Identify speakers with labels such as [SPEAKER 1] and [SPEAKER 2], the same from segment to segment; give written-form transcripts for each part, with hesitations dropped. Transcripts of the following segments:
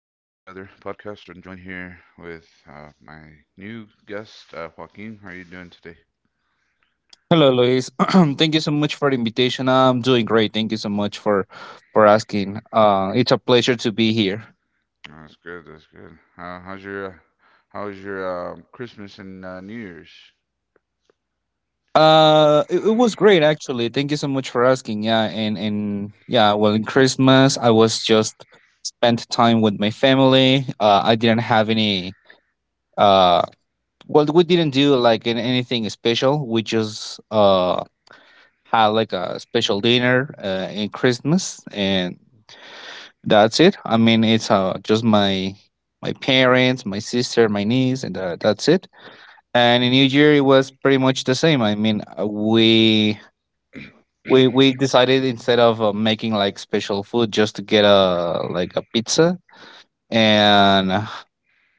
[SPEAKER 1] podcast, and joined here with my new guest, Joaquin. How are you doing today?
[SPEAKER 2] Hello, Luis. Thank you so much for the invitation. I'm doing great. Thank you so much for asking. It's a pleasure to be here.
[SPEAKER 1] That's good. That's good. How was your Christmas and New Year's?
[SPEAKER 2] It was great actually. Thank you so much for asking. Yeah, in Christmas I was just spent time with my family. I didn't have any. Uh, well, We didn't do like anything special. We just had like a special dinner in Christmas and. That's it. I mean, it's just my parents, my sister, my niece, and that's it. And in New Year, it was pretty much the same. We decided, instead of making like special food, just to get a like a pizza and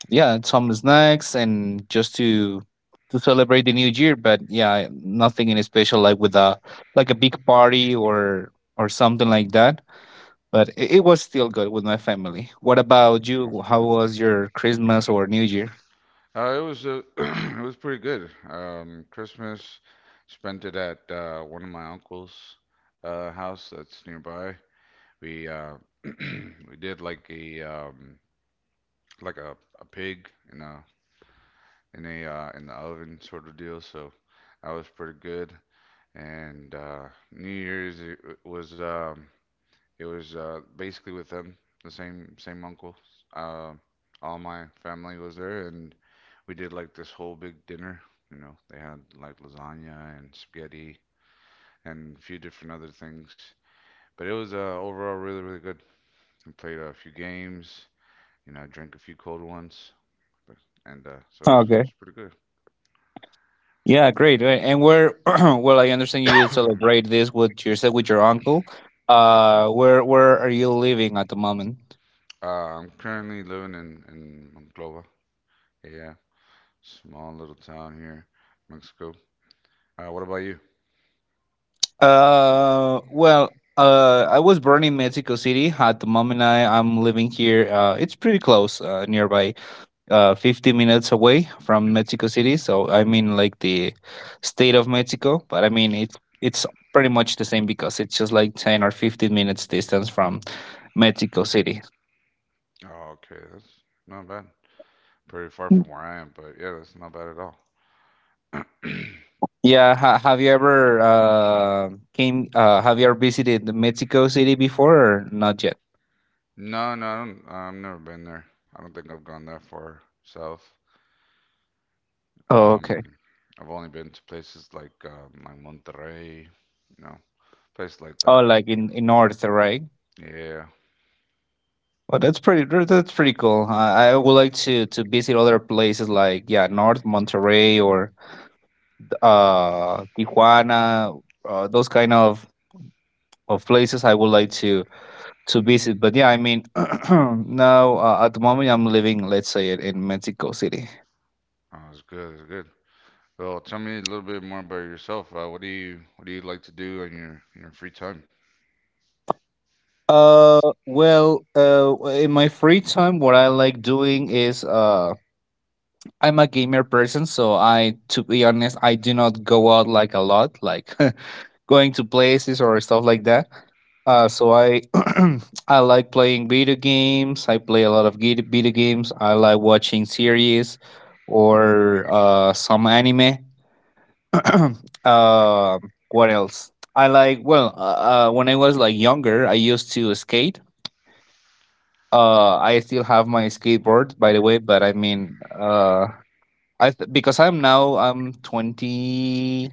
[SPEAKER 2] yeah, some snacks, and just to celebrate the New Year. But yeah, nothing in special like with a like a big party or something like that, but it was still good with my family. What about
[SPEAKER 1] Mm. That's
[SPEAKER 2] you? How
[SPEAKER 1] good.
[SPEAKER 2] was your Christmas or New Year?
[SPEAKER 1] It was It was pretty good. Christmas spent it at one of my uncle's house that's nearby. We We did like a pig and a in the oven sort of deal. So that was pretty good. And New Year's was um, it was basically with them, the same uncles. Uh, all my family was there, and we did like this whole big dinner. You know, they had like lasagna and spaghetti and a few different other things. But it was overall really good. We played a few games. You know, I drank a few cold ones, but, and so it was it
[SPEAKER 2] Okay.
[SPEAKER 1] was pretty
[SPEAKER 2] Yeah, great. And where? Well, I understand
[SPEAKER 1] good.
[SPEAKER 2] you celebrate this with yourself with your uncle. Where are you living at the moment?
[SPEAKER 1] Uh, I'm currently living in Monclova. Yeah, small little town here, Mexico. What about you?
[SPEAKER 2] I was born in Mexico City. At the moment, I am living here. It's pretty close, nearby, 50 minutes away from Mexico City. So I mean, like the state of Mexico, but I mean it's pretty much the same because it's just like 10 or 15 minutes distance from Mexico City.
[SPEAKER 1] Oh, okay, that's not bad. Pretty far
[SPEAKER 2] Mm.
[SPEAKER 1] from where I am, but yeah, that's not bad at all.
[SPEAKER 2] Yeah, ha- have you ever came? Have you ever visited the Mexico City before or not yet?
[SPEAKER 1] No, no, I've never been there. I don't think I've gone that far south.
[SPEAKER 2] Oh, okay.
[SPEAKER 1] Um, I've only been to places like Monterrey, you know, places like
[SPEAKER 2] Oh,
[SPEAKER 1] that.
[SPEAKER 2] like in North, right?
[SPEAKER 1] Yeah.
[SPEAKER 2] That's pretty cool. I would like to visit other places like, yeah, North Monterrey or uh, Tijuana, those kind of places. I would like to visit. But yeah, I mean, now, at the moment, I'm living, let's say, in Mexico City.
[SPEAKER 1] Oh, it's good, it's good. Well, tell me a little bit more about yourself. What do you like to do in your free time?
[SPEAKER 2] In my free time what I like doing is, I'm a gamer person, so I, to be honest, I do not go out like a lot, like going to places or stuff like that. So I I like playing video games. I play a lot of video games. I like watching series or some anime. uh, what else? I like, well, when I was like younger, I used to skate. I still have my skateboard, by the way, but I mean, because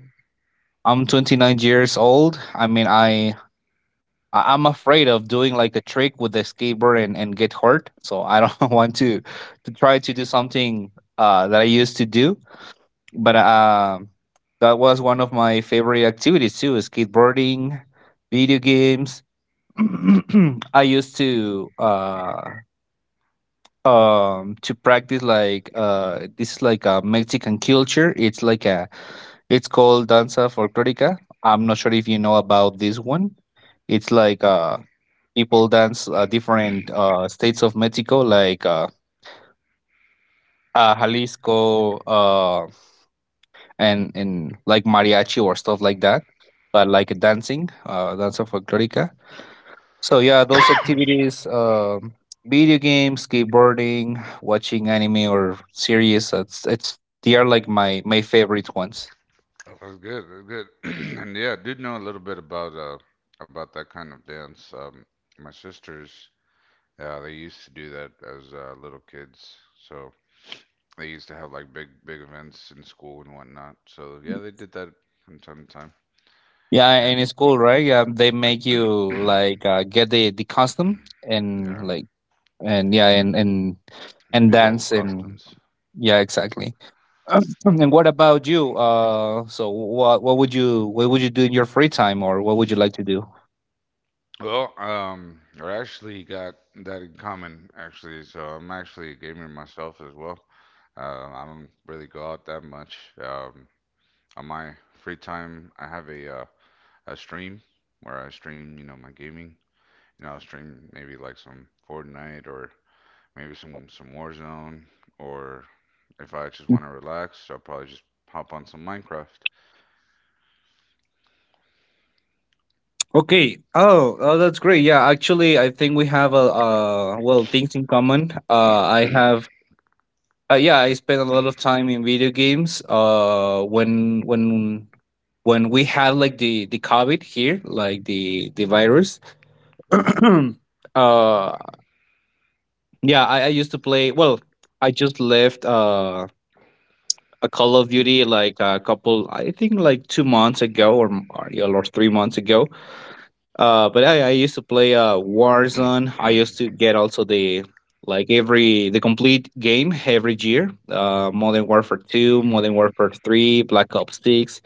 [SPEAKER 2] I'm 29 years old. I mean, I'm afraid of doing like a trick with the skateboard and get hurt. So I don't want to try to do something that I used to do. But um, that was one of my favorite activities too, is skateboarding, video games. I used to practice, like, uh, this is like a Mexican culture. It's like a it's called danza folclórica. I'm not sure if you know about this one. It's like, uh, people dance, different, uh, states of Mexico, like, Jalisco, uh, and like mariachi or stuff like that. But like a dancing, uh, danza folclórica. So yeah, those
[SPEAKER 1] That
[SPEAKER 2] activities: video games, skateboarding, watching anime or series, it's they are like my favorite ones.
[SPEAKER 1] was good. That was good. And yeah, I do know a little bit about that kind of dance. My sisters, yeah, they used to do that as little kids. So they used to have like big events in school and whatnot. So yeah, they did that from time to time.
[SPEAKER 2] Yeah, and
[SPEAKER 1] And
[SPEAKER 2] it's cool, right? Yeah, they make you like, get the costume and
[SPEAKER 1] yeah,
[SPEAKER 2] like and yeah and
[SPEAKER 1] big old
[SPEAKER 2] dance and
[SPEAKER 1] costumes.
[SPEAKER 2] yeah, exactly. And what about you? What would you do in your free time, or what would you like to do?
[SPEAKER 1] Well, I actually got that in common actually. So I'm actually a gamer myself as well. I don't really go out that much. On my free time, I have a stream where I stream, you know, my gaming. You know, I'll stream maybe like some Fortnite or maybe some Warzone, or if I just want to relax, I'll probably just hop on some Minecraft.
[SPEAKER 2] Okay. Oh, oh, that's great. Yeah, actually, I think we have a, well, things in common. I have. Yeah, I spent a lot of time in video games. When we had like the COVID here, like the virus. uh, yeah, I used to play. Well, I just left uh, a Call of Duty like a couple. I think like 2 months ago or, yeah, or 3 months ago. But I used to play, Warzone. I used to get also the like every the complete game every year. Modern Warfare Two, Modern Warfare Three, Black Ops Six.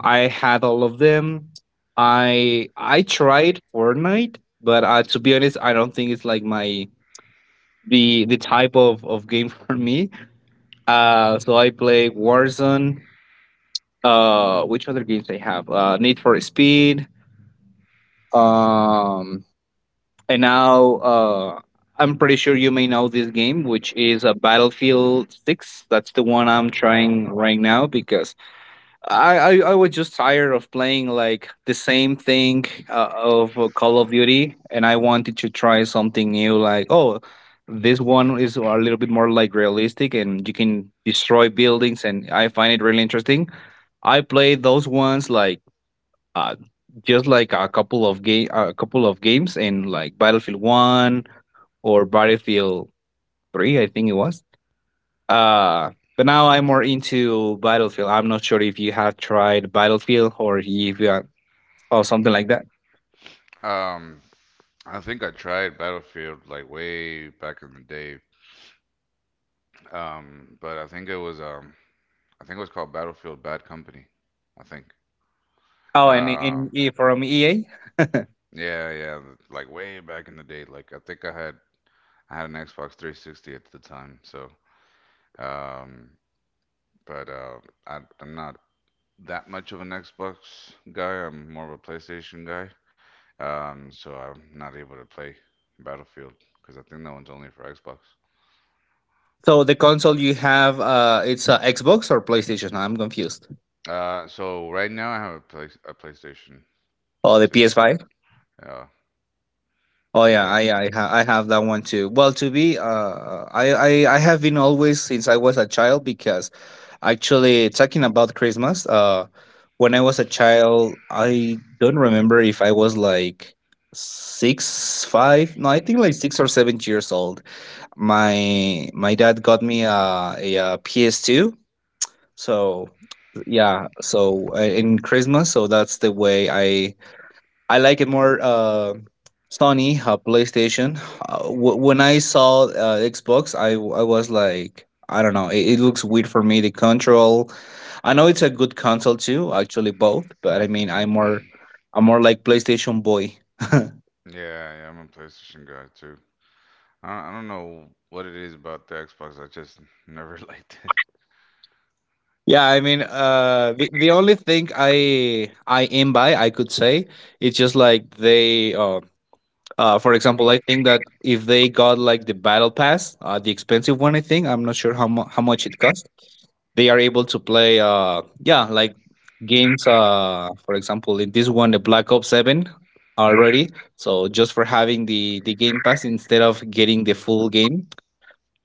[SPEAKER 2] I had all of them. I tried Fortnite, but to be honest, I don't think it's like my the type of game for me. So I play Warzone. Which other games I have? Need for Speed. Um, And now, I'm pretty sure you may know this game, which is a Battlefield 6. That's the one I'm
[SPEAKER 1] Yeah.
[SPEAKER 2] trying right now because I was just tired of playing like the same thing, of Call of Duty, and I wanted to try something new. Like, oh, this one is a little bit more like realistic, and you can destroy buildings, and I find it really interesting. I played those ones like, uh, just like a couple of games in, like, Battlefield 1 or Battlefield 3, I think it was. Uh, but now I'm more into Battlefield. I'm not sure if you have tried Battlefield or if you are, or something like that.
[SPEAKER 1] Um, I think I tried Battlefield like way back in the day. But I think it was I think it was called Battlefield Bad Company. I think.
[SPEAKER 2] Oh, and
[SPEAKER 1] Uh,
[SPEAKER 2] in from EA?
[SPEAKER 1] yeah, yeah, like way back in the day. Like I think I had an Xbox 360 at the time, so um, but I'm not that much of an Xbox guy. I'm more of a PlayStation guy. So I'm not able to play Battlefield because I think that one's only for Xbox.
[SPEAKER 2] So the console you have, it's, Xbox or PlayStation. I'm confused.
[SPEAKER 1] So right now I have a PlayStation.
[SPEAKER 2] Oh, the
[SPEAKER 1] PlayStation.
[SPEAKER 2] PS5.
[SPEAKER 1] Yeah,
[SPEAKER 2] Oh yeah,
[SPEAKER 1] yeah,
[SPEAKER 2] I have that one too. Well, to be, I have been always since I was a child because, actually, talking about Christmas, when I was a child, I don't remember if I was like six, five. No, I think like 6 or 7 years old. My dad got me uh, PS2. So yeah, so in Christmas, so that's the way I like it more. Sony, PlayStation. When I saw, Xbox, I was like, I don't know, it looks weird for me. The control, I know it's a good console too, actually both, but I mean, I'm more like PlayStation boy.
[SPEAKER 1] yeah, yeah. I'm a PlayStation guy too. I don't know what it is about the Xbox. I just never liked it.
[SPEAKER 2] Yeah, I mean, the only thing I am by I could say it's just like they, uh, for example, I think that if they got like the battle pass, the expensive one, I think I'm not sure how how much it cost. They are able to play, yeah, like games. For example, in this one, the Black Ops Seven already. So just for having the game pass instead of getting the full game,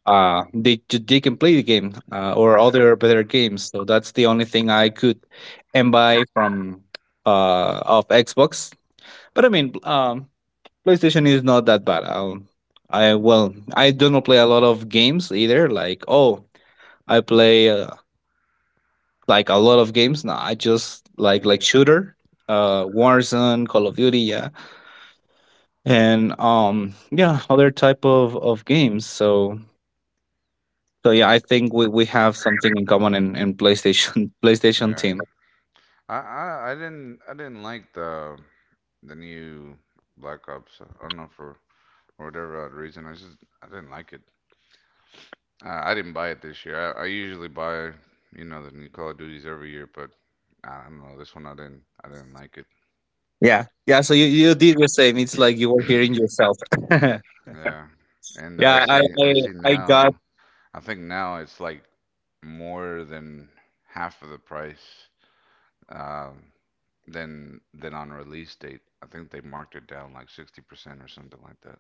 [SPEAKER 2] they can play the game, or other better games. So that's the only thing I could and buy from uh, of Xbox. But I mean, PlayStation is not that bad. I, well, I don't play a lot of games either. Like, oh, I play like a lot of games. Nah, I just like shooter, Warzone, Call of Duty, yeah, and yeah, other type of games. So so yeah, I think we have something in common in PlayStation PlayStation
[SPEAKER 1] Yeah.
[SPEAKER 2] team.
[SPEAKER 1] I didn't like the new Black Ops. I don't know for whatever odd reason. I didn't like it. I didn't buy it this year. I usually buy the new Call of Duties every year, but I don't know this one. I didn't like it.
[SPEAKER 2] Yeah, yeah. So you did the same. It's like you were hearing yourself.
[SPEAKER 1] Yeah, and I
[SPEAKER 2] yeah, I,
[SPEAKER 1] see
[SPEAKER 2] I
[SPEAKER 1] I see
[SPEAKER 2] I got
[SPEAKER 1] now. I think now it's like more than half of the price um, than on release date. I think they marked it down like 60% or something like that.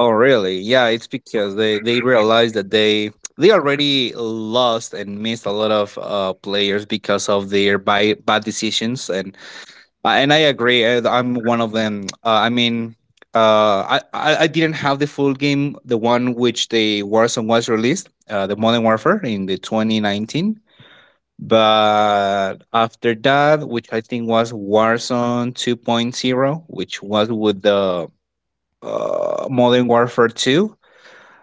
[SPEAKER 2] Oh, really? Yeah, it's because they realize that they already lost and missed a lot of players because of their bad decisions, and I agree. Uh, I'm one of them. I mean, I didn't have the full game, the one which the Warzone was released, the Modern Warfare in the 2019. But after that, which I think was Warzone 2.0, which was with the Modern Warfare 2,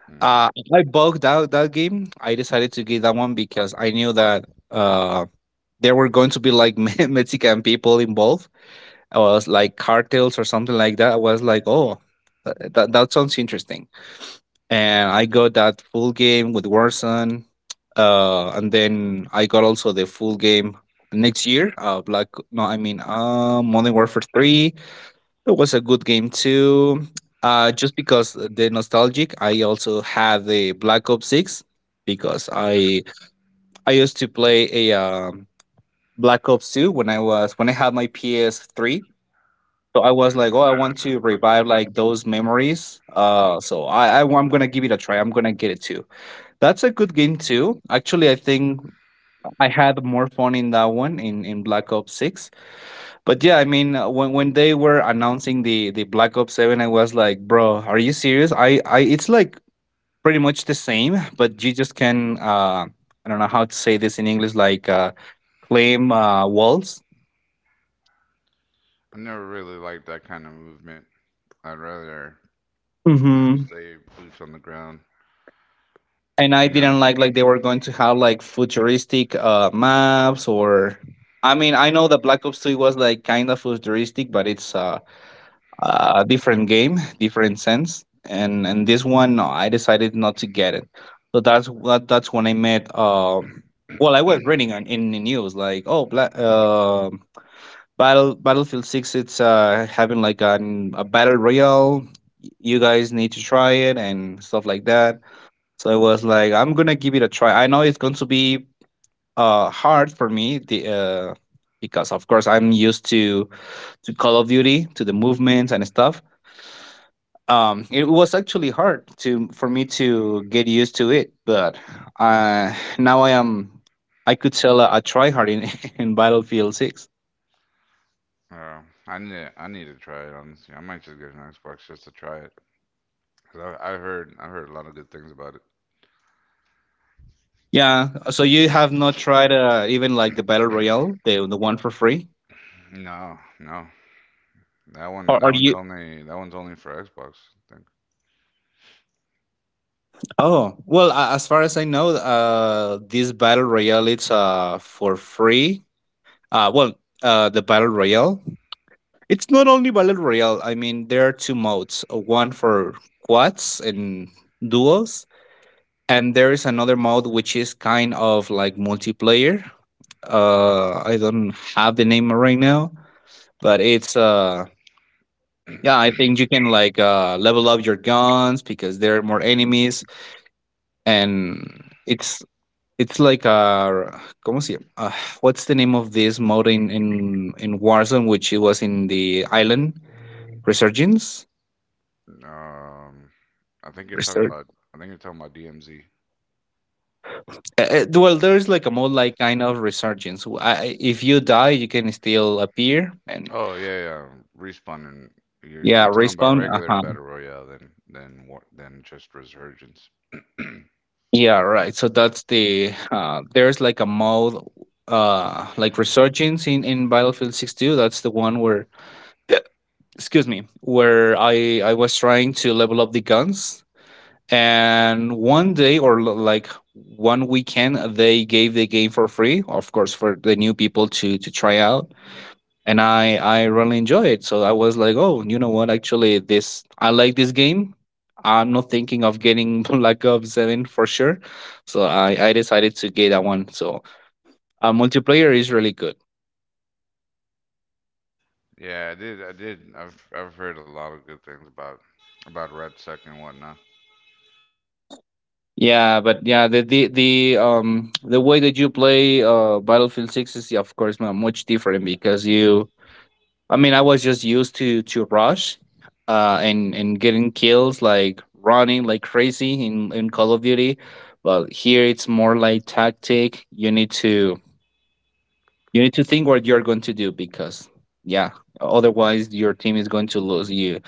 [SPEAKER 1] Hmm.
[SPEAKER 2] I bugged out that game. I decided to get that one because I knew that there were going to be like Mexican people involved. I was like cartels or something like that. I was like, oh, that, that, that sounds interesting. And I got that full game with Warzone. And then I got also the full game next year. Black, no, I mean, Modern Warfare 3. It was a good game too. Just because the nostalgic, I also had the Black Ops Six because I used to play a, Black Ops Two when I was when I had my PS Three. So I was like, oh,
[SPEAKER 1] Yeah,
[SPEAKER 2] I
[SPEAKER 1] those
[SPEAKER 2] want
[SPEAKER 1] are the
[SPEAKER 2] to
[SPEAKER 1] good
[SPEAKER 2] revive
[SPEAKER 1] days.
[SPEAKER 2] like those memories. So, I'm gonna give it a try. I'm gonna get it too. That's a good game too. Actually, I think I had more fun in that one in Black Ops Six. But yeah, I mean, when they were announcing the Black Ops Seven, I was like, bro, are you serious? I it's like pretty much the same, but you just can I don't know how to say this in English, like claim walls.
[SPEAKER 1] I never really liked that kind of movement. I'd rather
[SPEAKER 2] hmm
[SPEAKER 1] stay boots on the ground.
[SPEAKER 2] And I
[SPEAKER 1] You know,
[SPEAKER 2] didn't like they were going to have like futuristic maps, or... I mean, I know the Black Ops Two was like kind of futuristic, but it's different game, different sense. And this one, no, I decided not to get it. So that's when I met. Well, I was reading in the news like, oh, Battlefield Six. It's having like a battle royale. You guys need to try it and stuff like that. So I was like, I'm gonna give it a try. I know it's going to be hard for me. The Because of course I'm used to Call of Duty, to the movements and stuff. It was actually hard to for me to get used to it, but now I am... I could tell a tryhard in, in battlefield 6.
[SPEAKER 1] uh, I need to try it honestly. I might just get an Xbox just to try it. 'Cause I heard a lot of good things about it.
[SPEAKER 2] Yeah, so you have not tried, even like the battle royale, the one for free?
[SPEAKER 1] No, no,
[SPEAKER 2] Or are you...
[SPEAKER 1] that one's only for Xbox. I think.
[SPEAKER 2] Oh, well, as far as I know, this battle royale, it's for free. Well, the battle royale, it's not only battle royale. I mean, there are two modes, one for quads and duos, and there is another mode, which is kind of like multiplayer. I don't have the name right now, but it's yeah, I think you can, like, level up your guns because there are more enemies, and it's like a. Como se llama? What's the name of this mode in Warzone, which it was in the island? Resurgence.
[SPEAKER 1] Um, I think you're talking
[SPEAKER 2] Resur-
[SPEAKER 1] about I think you're talking about DMZ.
[SPEAKER 2] well, there's like a mode, like, kind of resurgence. If you die, you can still appear and...
[SPEAKER 1] Oh, yeah, yeah. Respawn, and you're
[SPEAKER 2] Yeah,
[SPEAKER 1] you're talking about
[SPEAKER 2] respawn.
[SPEAKER 1] regular
[SPEAKER 2] Uh-huh.
[SPEAKER 1] Battle Royale than just Resurgence.
[SPEAKER 2] Yeah, right. So that's there's like a mode, like resurgence in Battlefield 6.2. That's the one where excuse me, where I was trying to level up the guns, and one day, or like one weekend, they gave the game for free, of course for the new people to try out. And I really enjoy it. So I was like, oh, you know what? Actually, this I like this game. I'm not thinking of getting Black Ops Seven for sure, so I decided to get that one. So, multiplayer is really good.
[SPEAKER 1] Yeah, I did. I did. I've heard a lot of good things about Red Sec and whatnot.
[SPEAKER 2] Yeah, but yeah, the way that you play Battlefield Six is of course much different because you... I mean, I was just used to rush, and getting kills like running like crazy in Call of Duty, but here it's more like tactic. You need to think what you're going to do because, yeah, otherwise your team is going to lose.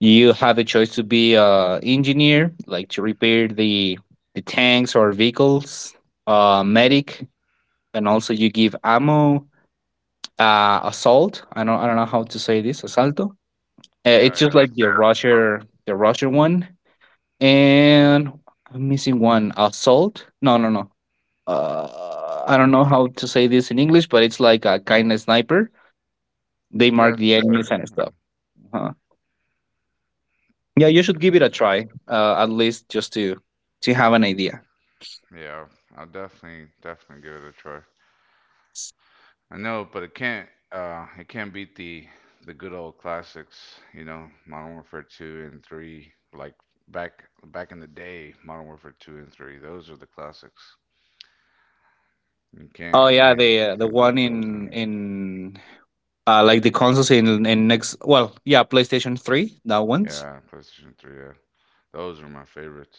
[SPEAKER 2] You have a choice to be a engineer, like to repair the tanks or vehicles, medic, and also you give ammo, assault. I don't know how to say this, asalto.
[SPEAKER 1] Yeah,
[SPEAKER 2] It's
[SPEAKER 1] yeah,
[SPEAKER 2] just
[SPEAKER 1] it's a
[SPEAKER 2] like
[SPEAKER 1] solid.
[SPEAKER 2] The Russian one, and I'm missing one. Assault? No, no, no. I don't know how to say this in English, but it's like a kind of sniper. They
[SPEAKER 1] Yeah,
[SPEAKER 2] mark
[SPEAKER 1] it's
[SPEAKER 2] the
[SPEAKER 1] a
[SPEAKER 2] enemies
[SPEAKER 1] sniper.
[SPEAKER 2] and stuff. Huh. Yeah, you should give it a try, at least just to have an idea.
[SPEAKER 1] Yeah. Yeah, I'll definitely give it a try. I know, but it can't beat the good old classics, you know, Modern Warfare 2 and 3, like back in the day, Modern Warfare 2 and 3. Those are the classics. You
[SPEAKER 2] Oh
[SPEAKER 1] can't, you
[SPEAKER 2] yeah,
[SPEAKER 1] can't,
[SPEAKER 2] the
[SPEAKER 1] can't
[SPEAKER 2] one
[SPEAKER 1] beat those.
[SPEAKER 2] in like the consoles in next. Well, yeah, PlayStation Three, that one's...
[SPEAKER 1] Yeah, PlayStation 3. Yeah, those are my favorites.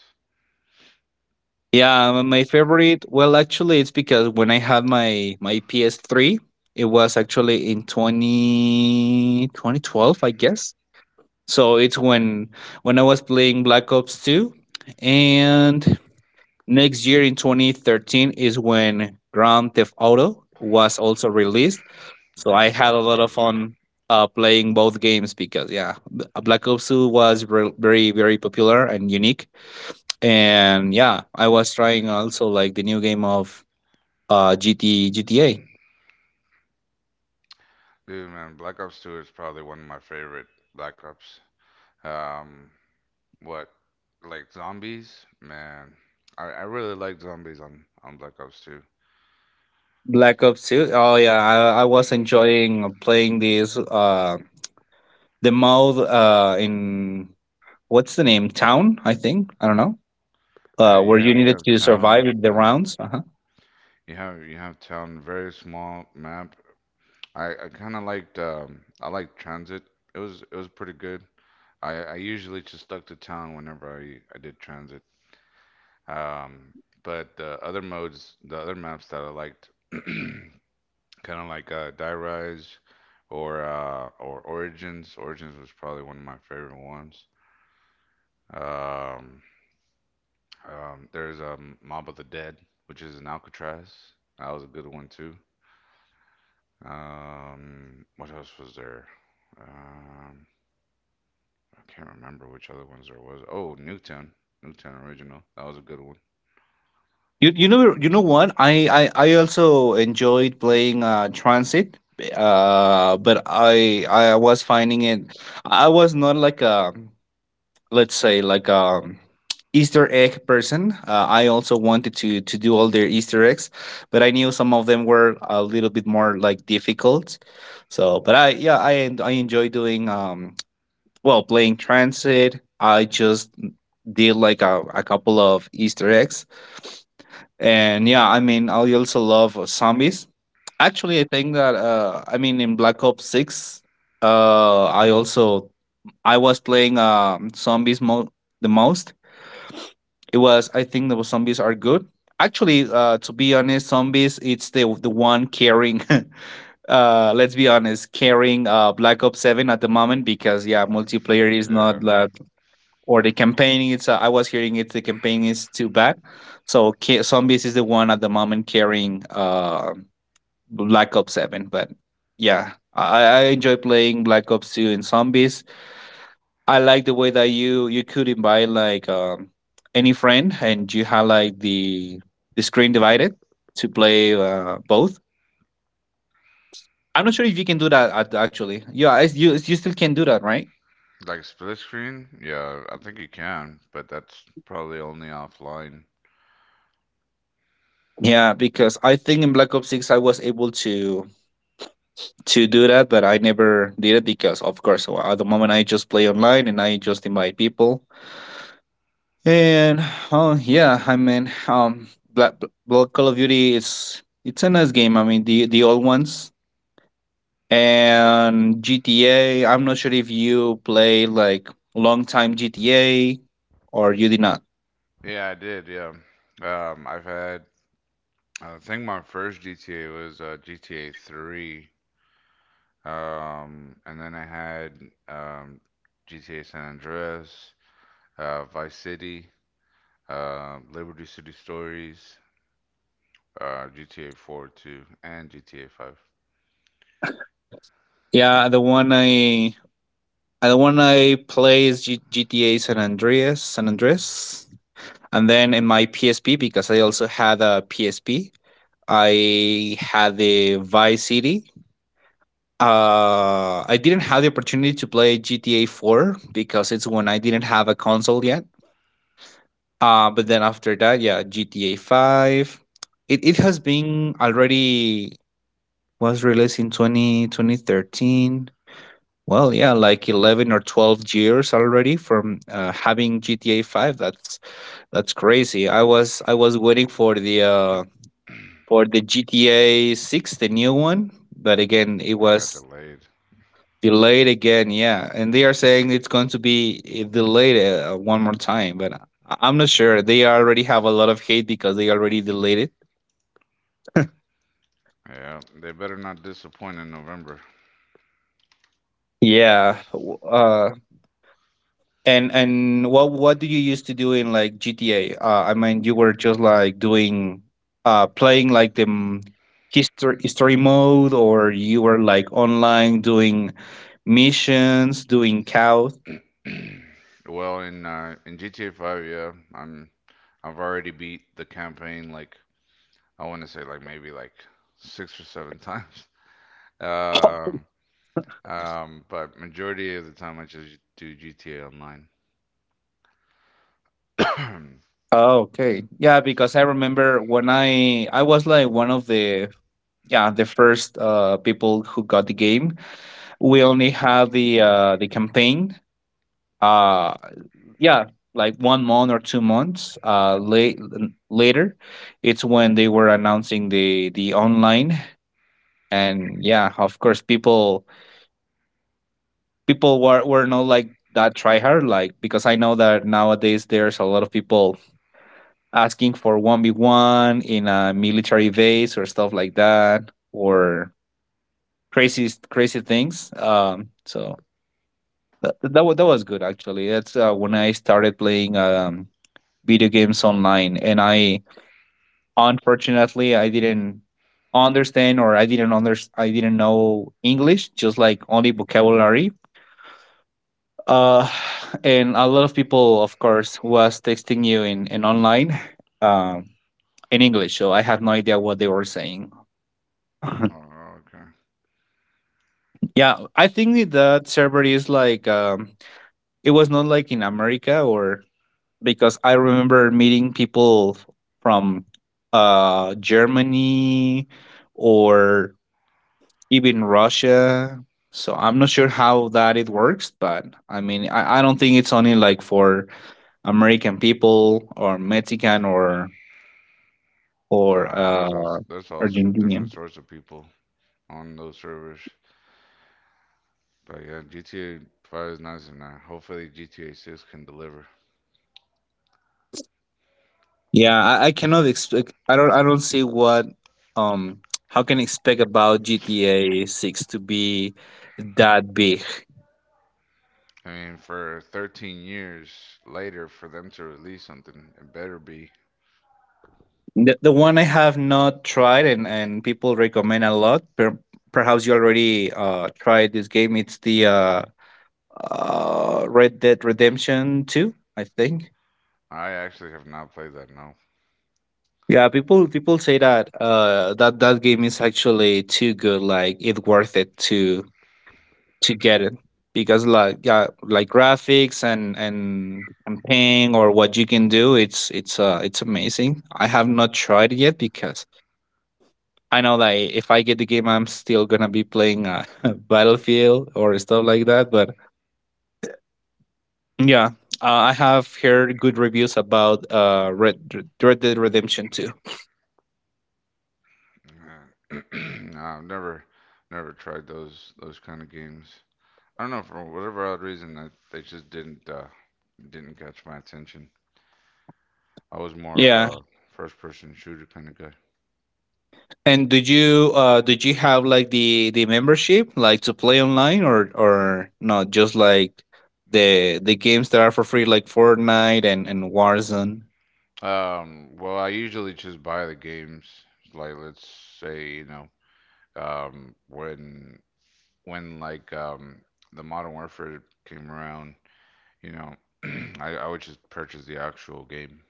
[SPEAKER 2] Yeah, my favorite. Well, actually, it's because when I had my PS3, it was actually in 20 2012, I guess. So it's when I was playing Black Ops 2, and next year in 2013 is when Grand Theft Auto was also released. So
[SPEAKER 1] Grand
[SPEAKER 2] I
[SPEAKER 1] Theft
[SPEAKER 2] had a
[SPEAKER 1] Auto
[SPEAKER 2] lot
[SPEAKER 1] 5.
[SPEAKER 2] of
[SPEAKER 1] Yeah,
[SPEAKER 2] fun, playing both games because, yeah, Black Ops 2 was very very popular and unique, and, yeah, I was trying also like the new game of gt gta.
[SPEAKER 1] dude, man, Black Ops 2 is probably one of my favorite Black Ops. Um, what, like zombies? Man, I really like zombies on Black Ops 2.
[SPEAKER 2] Black Ops 2, oh yeah. I was enjoying playing this, the mode, in what's the name, Town, I think, I don't know,
[SPEAKER 1] Yeah,
[SPEAKER 2] where
[SPEAKER 1] you
[SPEAKER 2] you
[SPEAKER 1] have you
[SPEAKER 2] needed
[SPEAKER 1] have
[SPEAKER 2] to survive
[SPEAKER 1] town.
[SPEAKER 2] the
[SPEAKER 1] Yeah,
[SPEAKER 2] rounds. Uh-huh.
[SPEAKER 1] you have town. Very small map. I liked Transit. It was pretty good. I usually just stuck to town whenever I did transit. Um, but the other modes, the other maps that I liked, kind of like Die Rise or Origins. Origins was probably one of my favorite ones. Um, there's a Mob of the Dead, which is in Alcatraz. That was a good one too. What else was there? Um, I can't remember which other ones there was. Oh, Nuketown, Nuketown Original. That was a good one.
[SPEAKER 2] You know what I also enjoyed playing Transit, but I was finding it... I was not like a, let's say like a Easter egg person. I also wanted to do all their Easter eggs, but I knew some of them were a little bit more, like, difficult. So, but I, yeah, I enjoy doing, well, playing Transit. I just did like a couple of Easter eggs, and yeah, I mean, I also love zombies. Actually, I think that, I mean, in Black Ops Six, uh, I also I was playing, zombies the most. It was, I think, the zombies are good. Actually, to be honest, zombies, it's the one carrying. Let's be honest, carrying Black Ops Seven at the moment because, yeah, multiplayer is
[SPEAKER 1] Yeah.
[SPEAKER 2] not that, or the campaigning, it's I was hearing it, the campaign is too bad. So zombies is the one at the moment carrying black ops 7, but... yeah, I enjoy playing Black Ops 2 and zombies. I like the way that you could invite, like, any friend, and you had, like, the screen divided to play, both. I'm not sure if you can do that actually, yeah. You still can do that, right?
[SPEAKER 1] Like split screen? Yeah, I think you can, but that's probably only offline.
[SPEAKER 2] Yeah, because I think in Black Ops 6 I was able to do that, but I never did it because, of course, well, at the moment I just play online and I just invite people. And, oh yeah, I mean, Black, Black Call of Duty, is it's a nice game. I mean, the old ones, and GTA. I'm not sure if you play like long time GTA, or you did not.
[SPEAKER 1] Yeah, I did. Yeah. Um, I've had, I think my first GTA was GTA 3. And then I had um, GTA San Andreas, Vice City, Liberty City Stories, GTA 4 too, and GTA 5.
[SPEAKER 2] Yeah, the one I play is GTA San Andreas, San Andreas, and then in my PSP, because I also had a PSP, I had the Vice City. I didn't have the opportunity to play GTA 4 because it's when I didn't have a console yet. But then after that, yeah, GTA 5. It has been already, was released in 20 2013. Well, yeah, like 11 or 12 years already from, having GTA 5. That's crazy. I was waiting for the GTA 6, the new one. But again, it
[SPEAKER 1] I got
[SPEAKER 2] was
[SPEAKER 1] delayed.
[SPEAKER 2] delayed again. Yeah. And they are saying it's going to be, delayed, one more time. But I'm not sure. They already have a lot of hate because they already delayed it.
[SPEAKER 1] Yeah, they better not disappoint in November.
[SPEAKER 2] Yeah. And what do you used to do in, like, GTA? I mean, you were just like doing, playing like the, history mode, or you were like online doing missions, doing cows?
[SPEAKER 1] Well, in GTA 5, yeah, I've already beat the campaign like I want to say like maybe like six or seven times. Um, but majority of the time I just do GTA Online.
[SPEAKER 2] Oh, okay. Yeah, because I remember when I was like one of the— yeah, the first people who got the game. We only had the campaign. Uh yeah, like one month or 2 months later. It's when they were announcing the online, and, yeah, of course, people were not like that try hard, like, because I know that nowadays there's a lot of people asking for 1v1 in a military base or stuff like that, or crazy crazy things, so... that was good, actually. That's when I started playing, video games online, and I... unfortunately I didn't understand, or I didn't know English, just like only vocabulary. uh and a lot of people, of course, was texting you in online, um in English, so I had no idea what they were saying.
[SPEAKER 1] Oh, okay.
[SPEAKER 2] Yeah, I think that server is like, it was not like in America, or, because I remember meeting people from, Germany, or even Russia. So I'm not sure how that it works, but I mean, I don't think it's only like for American people or Mexican or,
[SPEAKER 1] Nah, different
[SPEAKER 2] Argentinian.
[SPEAKER 1] sorts of people on those servers. But yeah, GTA 5 is nice, and hopefully GTA 6 can deliver.
[SPEAKER 2] Yeah, I cannot expect. I don't. I don't see what. Um, how can I expect about GTA Six to be that big?
[SPEAKER 1] I mean, for 13 years later, for them to release something, it better be.
[SPEAKER 2] The one I have not tried, and people recommend a lot. Perhaps you already tried this game. It's the Red Dead Redemption Two, I think.
[SPEAKER 1] I actually have not played that. No.
[SPEAKER 2] Yeah, people say that that game is actually too good. Like it's worth it to get it because like yeah, like graphics and paying or what you can do it's amazing. I have not tried it yet because I know that if I get the game I'm still gonna be playing battlefield or stuff like that, but yeah. I have heard good reviews about red red dead redemption 2.
[SPEAKER 1] Uh, no, I've never, never tried those kind of games. I don't know for whatever odd reason they just didn't catch my attention. I was more of
[SPEAKER 2] Yeah
[SPEAKER 1] a first person shooter kind of guy.
[SPEAKER 2] And did you have like the membership like to play online, or not just like the games that are for free like Fortnite and Warzone?
[SPEAKER 1] Well, I usually just buy the games. Like let's say when when like um, the Modern Warfare came around, you know, I would just purchase the actual game.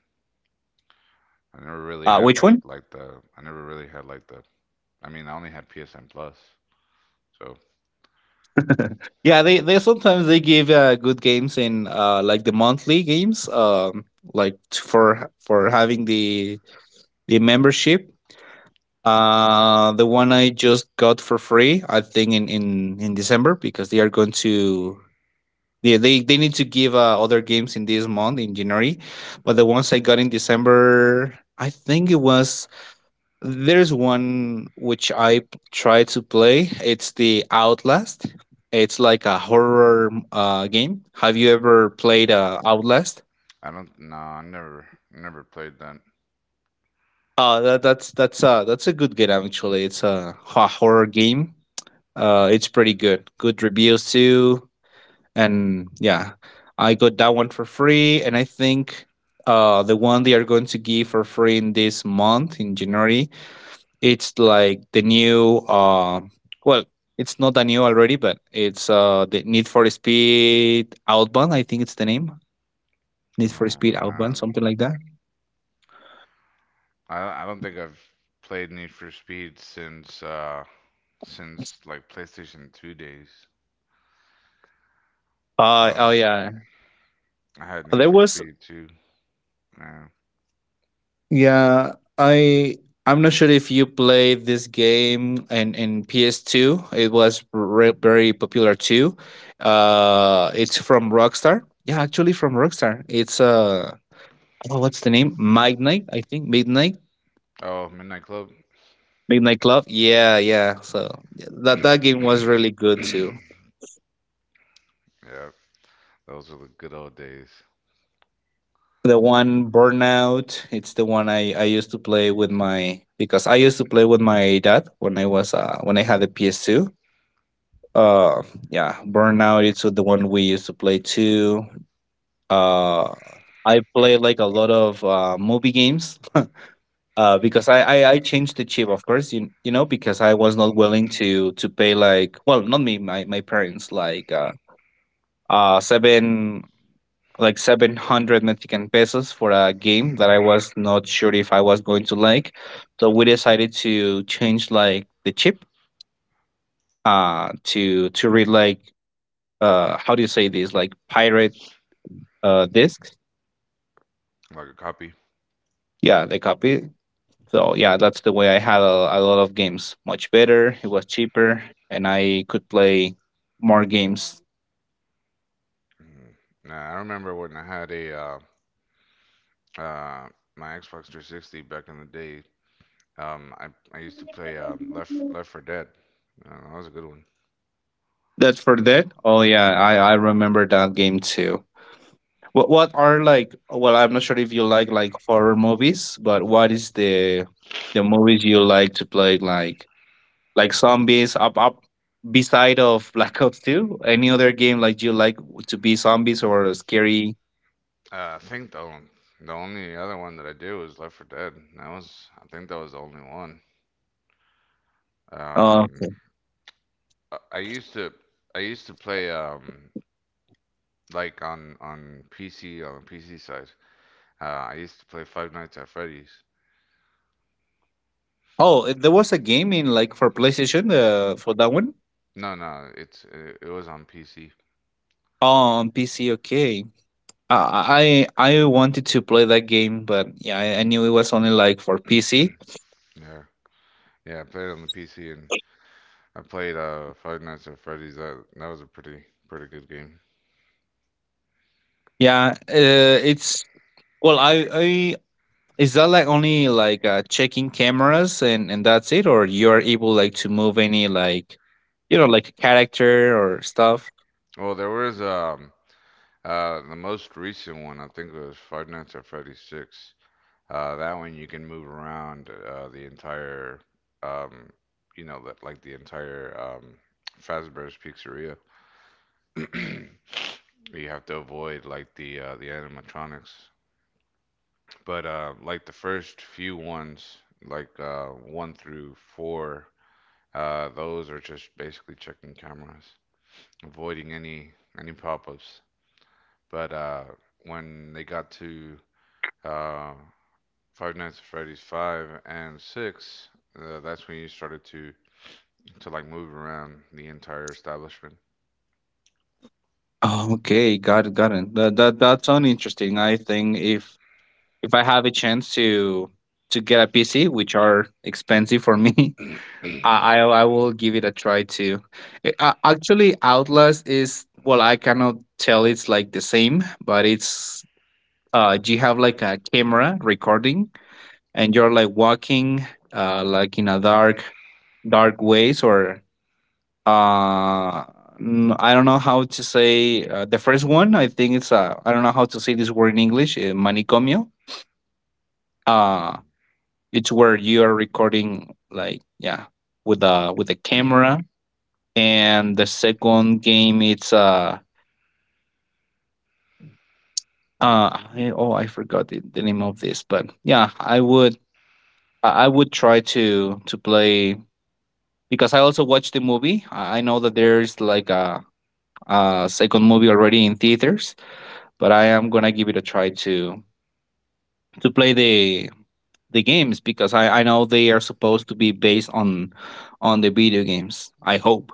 [SPEAKER 2] Uh, which one?
[SPEAKER 1] I never really had like the I mean I only had PSN Plus, so.
[SPEAKER 2] Yeah, they sometimes they give good games in like the monthly games, like for having the membership. Uh, the one I just got for free I think in in December, because they are going to. Yeah, they need to give other games in this month in January, but the ones I got in December, I think it was, there's one which I tried to play. It's the Outlast. It's like a horror game. Have you ever played
[SPEAKER 1] Mm,
[SPEAKER 2] Outlast?
[SPEAKER 1] I don't No, I never never played that.
[SPEAKER 2] That's that's a good game actually. It's a horror game. It's pretty good. Good reviews too. And yeah, I got that one for free, and I think the one they are going to give for free in this month in January, it's like the new well it's not that new already, but it's the Need for Speed Outbound, I think it's the name. Need for
[SPEAKER 1] Oh,
[SPEAKER 2] Speed Outbound,
[SPEAKER 1] man,
[SPEAKER 2] something like that.
[SPEAKER 1] I don't think I've played Need for Speed since like PlayStation 2 days.
[SPEAKER 2] Oh
[SPEAKER 1] Uh,
[SPEAKER 2] yeah,
[SPEAKER 1] I had Need
[SPEAKER 2] there
[SPEAKER 1] for
[SPEAKER 2] was.
[SPEAKER 1] Speed too. Yeah.
[SPEAKER 2] Yeah, I I'm not sure if you played this game in PS2. It was very popular too. It's from Rockstar. Yeah, actually from Rockstar. It's oh, what's the name? Midnight, I think. Midnight,
[SPEAKER 1] Oh, Midnight Club.
[SPEAKER 2] Midnight Club. Yeah, yeah. So yeah, that game was really good
[SPEAKER 1] Yeah,
[SPEAKER 2] too.
[SPEAKER 1] those were the good old days.
[SPEAKER 2] The one Burnout. It's the one I used to play with my, because I used to play with my dad when I was when I had a PS2. uh yeah, Burnout, it's the one we used to play too. uh I play like a lot of movie games. Because I I changed the chip, of course, you know, because I was not willing to pay like, well, not me, my parents, like seven like 700 Mexican pesos for a game that I was not sure if I was going to like. So we decided to change like the chip to read like how do you say this, like pirate discs.
[SPEAKER 1] Like a copy.
[SPEAKER 2] Yeah, they copy. So yeah, that's the way I had a lot of games. Much better, it was cheaper, and I could play more games.
[SPEAKER 1] Mm. Nah, I remember when I had a uh, my Xbox 360 back in the day. I used to play Left for Dead. That was a good one.
[SPEAKER 2] That's for that. Oh yeah, i
[SPEAKER 1] Um,
[SPEAKER 2] i remember that game too. What are like, well, I'm not sure if you like horror movies, but what is the movies you like to play, like zombies, up up beside of Black Ops 2, any other game like you like to be zombies or scary?
[SPEAKER 1] I think the only other one that I did was Left for Dead. That was I think that was the only one.
[SPEAKER 2] Oh,
[SPEAKER 1] Um,
[SPEAKER 2] okay.
[SPEAKER 1] I, I used to I used to play like on PC on the PC side. I used to play Five Nights at Freddy's.
[SPEAKER 2] Oh, there was a game in like for PlayStation for that one.
[SPEAKER 1] No, no, it was on PC.
[SPEAKER 2] Oh, on PC, okay. I wanted to play that game, but yeah, I knew it was only like for PC.
[SPEAKER 1] Yeah, yeah, I played on the PC and I played Five Nights at Freddy's. That was a pretty good game.
[SPEAKER 2] Yeah, it's well, I is that like only like checking cameras and that's it, or you are able like to move any like, you know, like character or stuff.
[SPEAKER 1] Well, the most recent one, I think, was Five Nights at Freddy's 6. That one you can move around um, the entire Fazbear's Pizzeria. You have to avoid like the animatronics. But like the first few ones, like one through four, those are just basically checking cameras, avoiding any pop-ups. But when they got to uh, Five Nights at Freddy's five and six, that's when you started to like move around the entire establishment.
[SPEAKER 2] Oh, okay, got it, got it. That sounds interesting. I think if I have a chance to get a PC, which are expensive for me, I will give it a try too. Actually, Outlast is, well, I cannot tell it's like the same, but it's you have like a camera recording, and you're like walking like in a dark ways, or uh I don't know how to say the first one. I think it's I don't know how to say this word in English. Manicomio. Uh
[SPEAKER 1] Mm.
[SPEAKER 2] it's where you are recording, like, yeah, with a camera. And the second game, it's oh, I forgot the name of this, but yeah, I would try to play, because I also watched the movie. I know that there's like a second movie already in theaters, but I am gonna give it a try to play the games, because I know they are supposed to be based on the video games. I hope.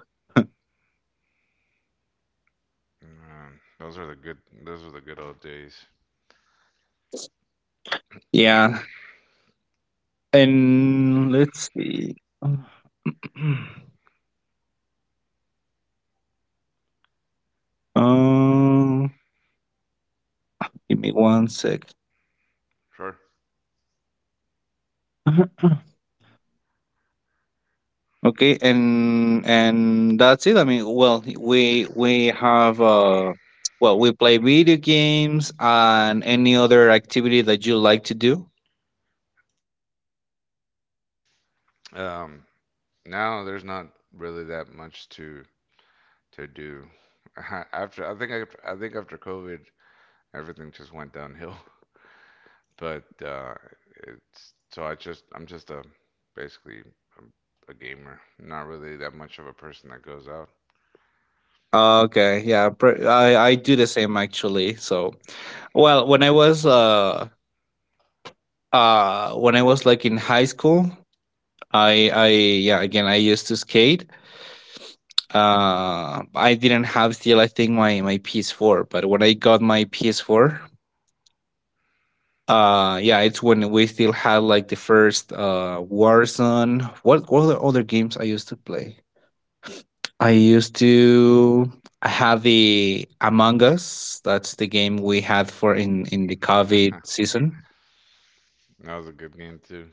[SPEAKER 1] Man, those are the good old days.
[SPEAKER 2] Yeah. And let's see. Um, give me one sec.
[SPEAKER 1] Sure.
[SPEAKER 2] Okay, and that's it. I mean, well, we have we play video games and any other activity that you like to do.
[SPEAKER 1] Um, Now there's not really that much to do. I think after COVID, everything just went downhill. But it's so I just I'm just a basically a gamer, not really that much of a person that goes out.
[SPEAKER 2] Okay, yeah, I do the same actually. So, well, when I was like in high school, I yeah, again, I used to skate. I didn't have still, I think, my PS4, but when I got my PS4, yeah, it's when we still had like the first Warzone. What other games I used to play, I used to, I have the Among Us, that's the game we had for in the COVID season.
[SPEAKER 1] That was a good game too.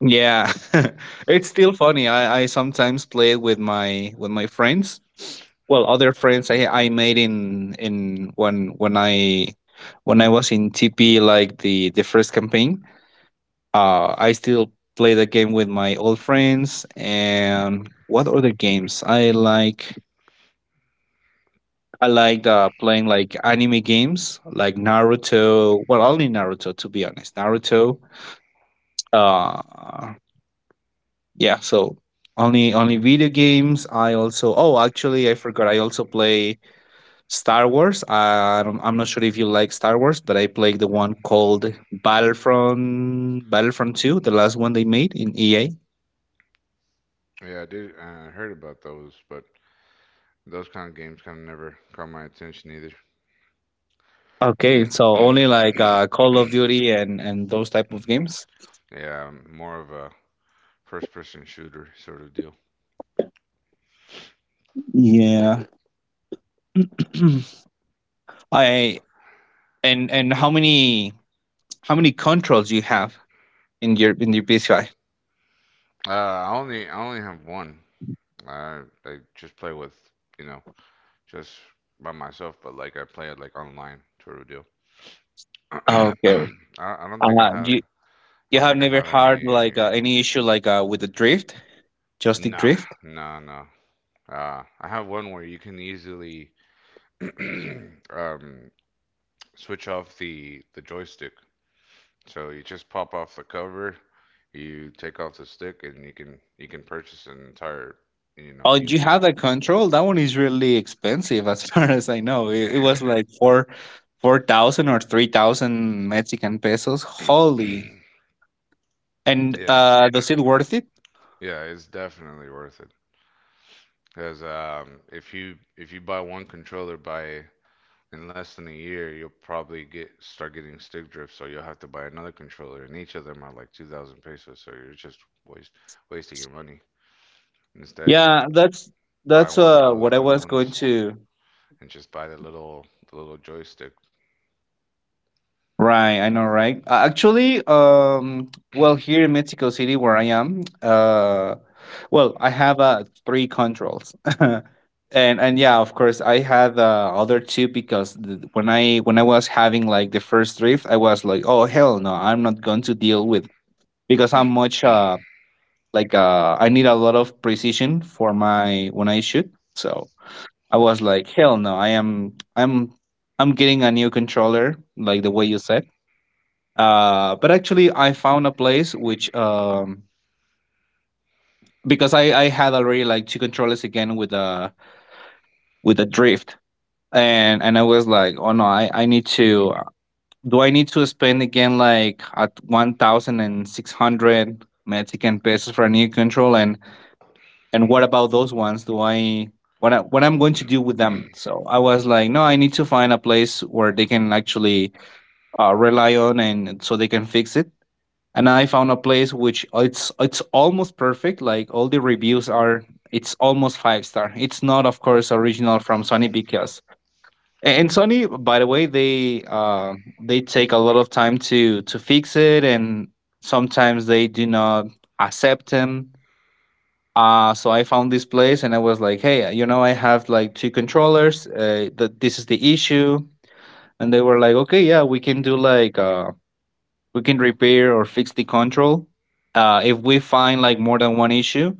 [SPEAKER 2] Yeah. It's still funny. I sometimes play with my friends. Well, other friends I made in when I was in TP like the first campaign. Uh, I still play the game with my old friends. And what other games? I liked playing like anime games like Naruto. Well, only Naruto, to be honest. Naruto. Uh yeah, so only only video games. I also, oh, actually, I forgot, I also play Star Wars. I don't, I'm not sure if you like Star Wars, but I played the one called Battlefront 2, the last one they made in EA.
[SPEAKER 1] Yeah, I did. I heard about those, but those kind of games kind of never caught my attention either.
[SPEAKER 2] Okay, so only like Call of Duty and those type of games.
[SPEAKER 1] Yeah, I'm more of a first-person shooter sort of deal.
[SPEAKER 2] Yeah. I And how many controls you have in your PCI?
[SPEAKER 1] I only have one. I just play with you know just by myself, but like I play it like online sort of deal.
[SPEAKER 2] Okay,
[SPEAKER 1] I I don't think I
[SPEAKER 2] uh, do,
[SPEAKER 1] have
[SPEAKER 2] you,
[SPEAKER 1] I
[SPEAKER 2] you
[SPEAKER 1] don't
[SPEAKER 2] have
[SPEAKER 1] think I
[SPEAKER 2] never
[SPEAKER 1] have
[SPEAKER 2] had
[SPEAKER 1] any.
[SPEAKER 2] like any issue like with the drift, joystick
[SPEAKER 1] Nah,
[SPEAKER 2] drift?
[SPEAKER 1] nah, nah. I have one where you can easily um switch off the joystick. So you just pop off the cover, you take off the stick, and you can purchase an entire
[SPEAKER 2] Oh,
[SPEAKER 1] new
[SPEAKER 2] do you
[SPEAKER 1] one.
[SPEAKER 2] have that control? That one is really expensive, as far as I know. It
[SPEAKER 1] Yeah.
[SPEAKER 2] was like 4,000 or 3,000 Mexican pesos. Holy! And
[SPEAKER 1] Yeah,
[SPEAKER 2] does it worth it?
[SPEAKER 1] yeah. It's definitely worth it because if you buy one controller by in less than a year, you'll probably get start getting stick drift, so you'll have to buy another controller, and each of them are like 2,000 pesos. So you're just waste wasting your money. Instead, just
[SPEAKER 2] Yeah,
[SPEAKER 1] buy
[SPEAKER 2] that's
[SPEAKER 1] one of those
[SPEAKER 2] what I
[SPEAKER 1] good
[SPEAKER 2] was
[SPEAKER 1] ones
[SPEAKER 2] going to.
[SPEAKER 1] and just buy the little joystick.
[SPEAKER 2] Right, I know, right? Actually, well, here in Mexico City, where I am, well, I have three controls. And yeah, of course, I had the other two because when I was having like the first drift, I was like, oh hell no, I'm not going to deal with, because I'm much I need a lot of precision for my when I shoot. So I was like, hell no, I am I'm getting a new controller, like the way you said. Uh, but actually, I found a place which because I had already like two controllers again with a drift. And I was like, oh no, I need to. Do I need to spend again like at 1,600 Mexican pesos for a new control? And what about those ones? Do I what I'm going to do with them? So I was like, no, I need to find a place where they can actually rely on, and so they can fix it. And I found a place which it's almost perfect. Like all the reviews are, it's almost five star. It's not, of course, original from Sony because And Sony, by the way, they take a lot of time to fix it, and sometimes they do not accept them. So I found this place, and I was like, "Hey, you know, I have like two controllers. That this is the issue." And they were like, "Okay, yeah, we can do like we can repair or fix the control. If we find like more than one issue,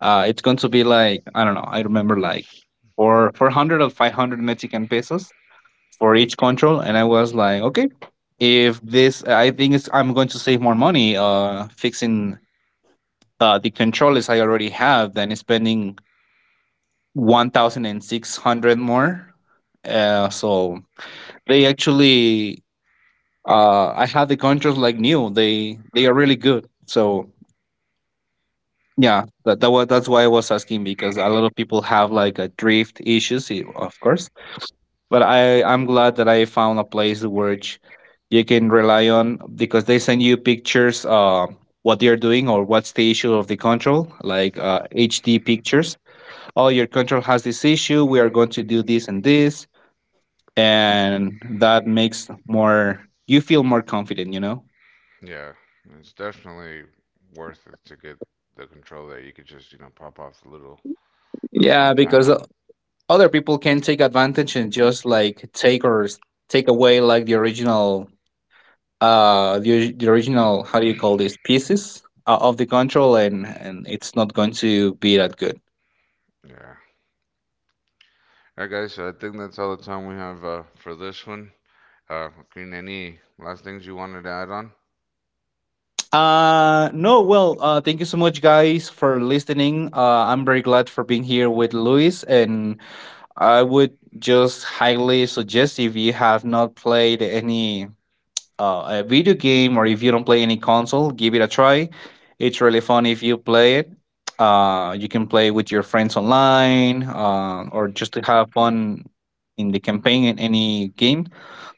[SPEAKER 2] it's going to be like I don't know. I remember like or 400 or 500 Mexican pesos for each control." And I was like, okay, if this, I think it's, I'm going to save more money fixing the controllers I already have than spending 1,600 more. So they actually, I have the controls like new, they are really good. So yeah, that's why I was asking, because a lot of people have like a drift issues, of course. But I'm glad that I found a place which you can rely on because they send you pictures what they're doing or what's the issue of the control like HD pictures. Oh, your control has this issue. We are going to do this and this, and that makes more you feel more confident. You know.
[SPEAKER 1] Yeah, it's definitely worth it to get the controller. You could just pop off the little
[SPEAKER 2] Yeah,
[SPEAKER 1] front
[SPEAKER 2] because
[SPEAKER 1] panel.
[SPEAKER 2] other people can take advantage and just like take or take away like the original the original, how do you call this, pieces of the control, and it's not going to be that good.
[SPEAKER 1] Yeah. All right, guys. So I think that's all the time we have for this one. Queen, any last things you wanted to add on?
[SPEAKER 2] No, well, thank you so much guys for listening. I'm very glad for being here with Luis, and I would just highly suggest if you have not played any a video game, or if you don't play any console, give it a try. It's really fun if you play it. You can play with your friends online or just to have fun in the campaign in any game.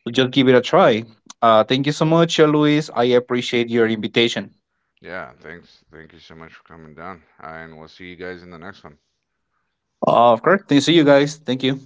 [SPEAKER 2] So just give it a try. Thank you so much, Luis. I appreciate your invitation.
[SPEAKER 1] Yeah. Thanks. Thank you so much for coming down, and we'll see you guys in the next one.
[SPEAKER 2] Of course. See you guys. Thank you.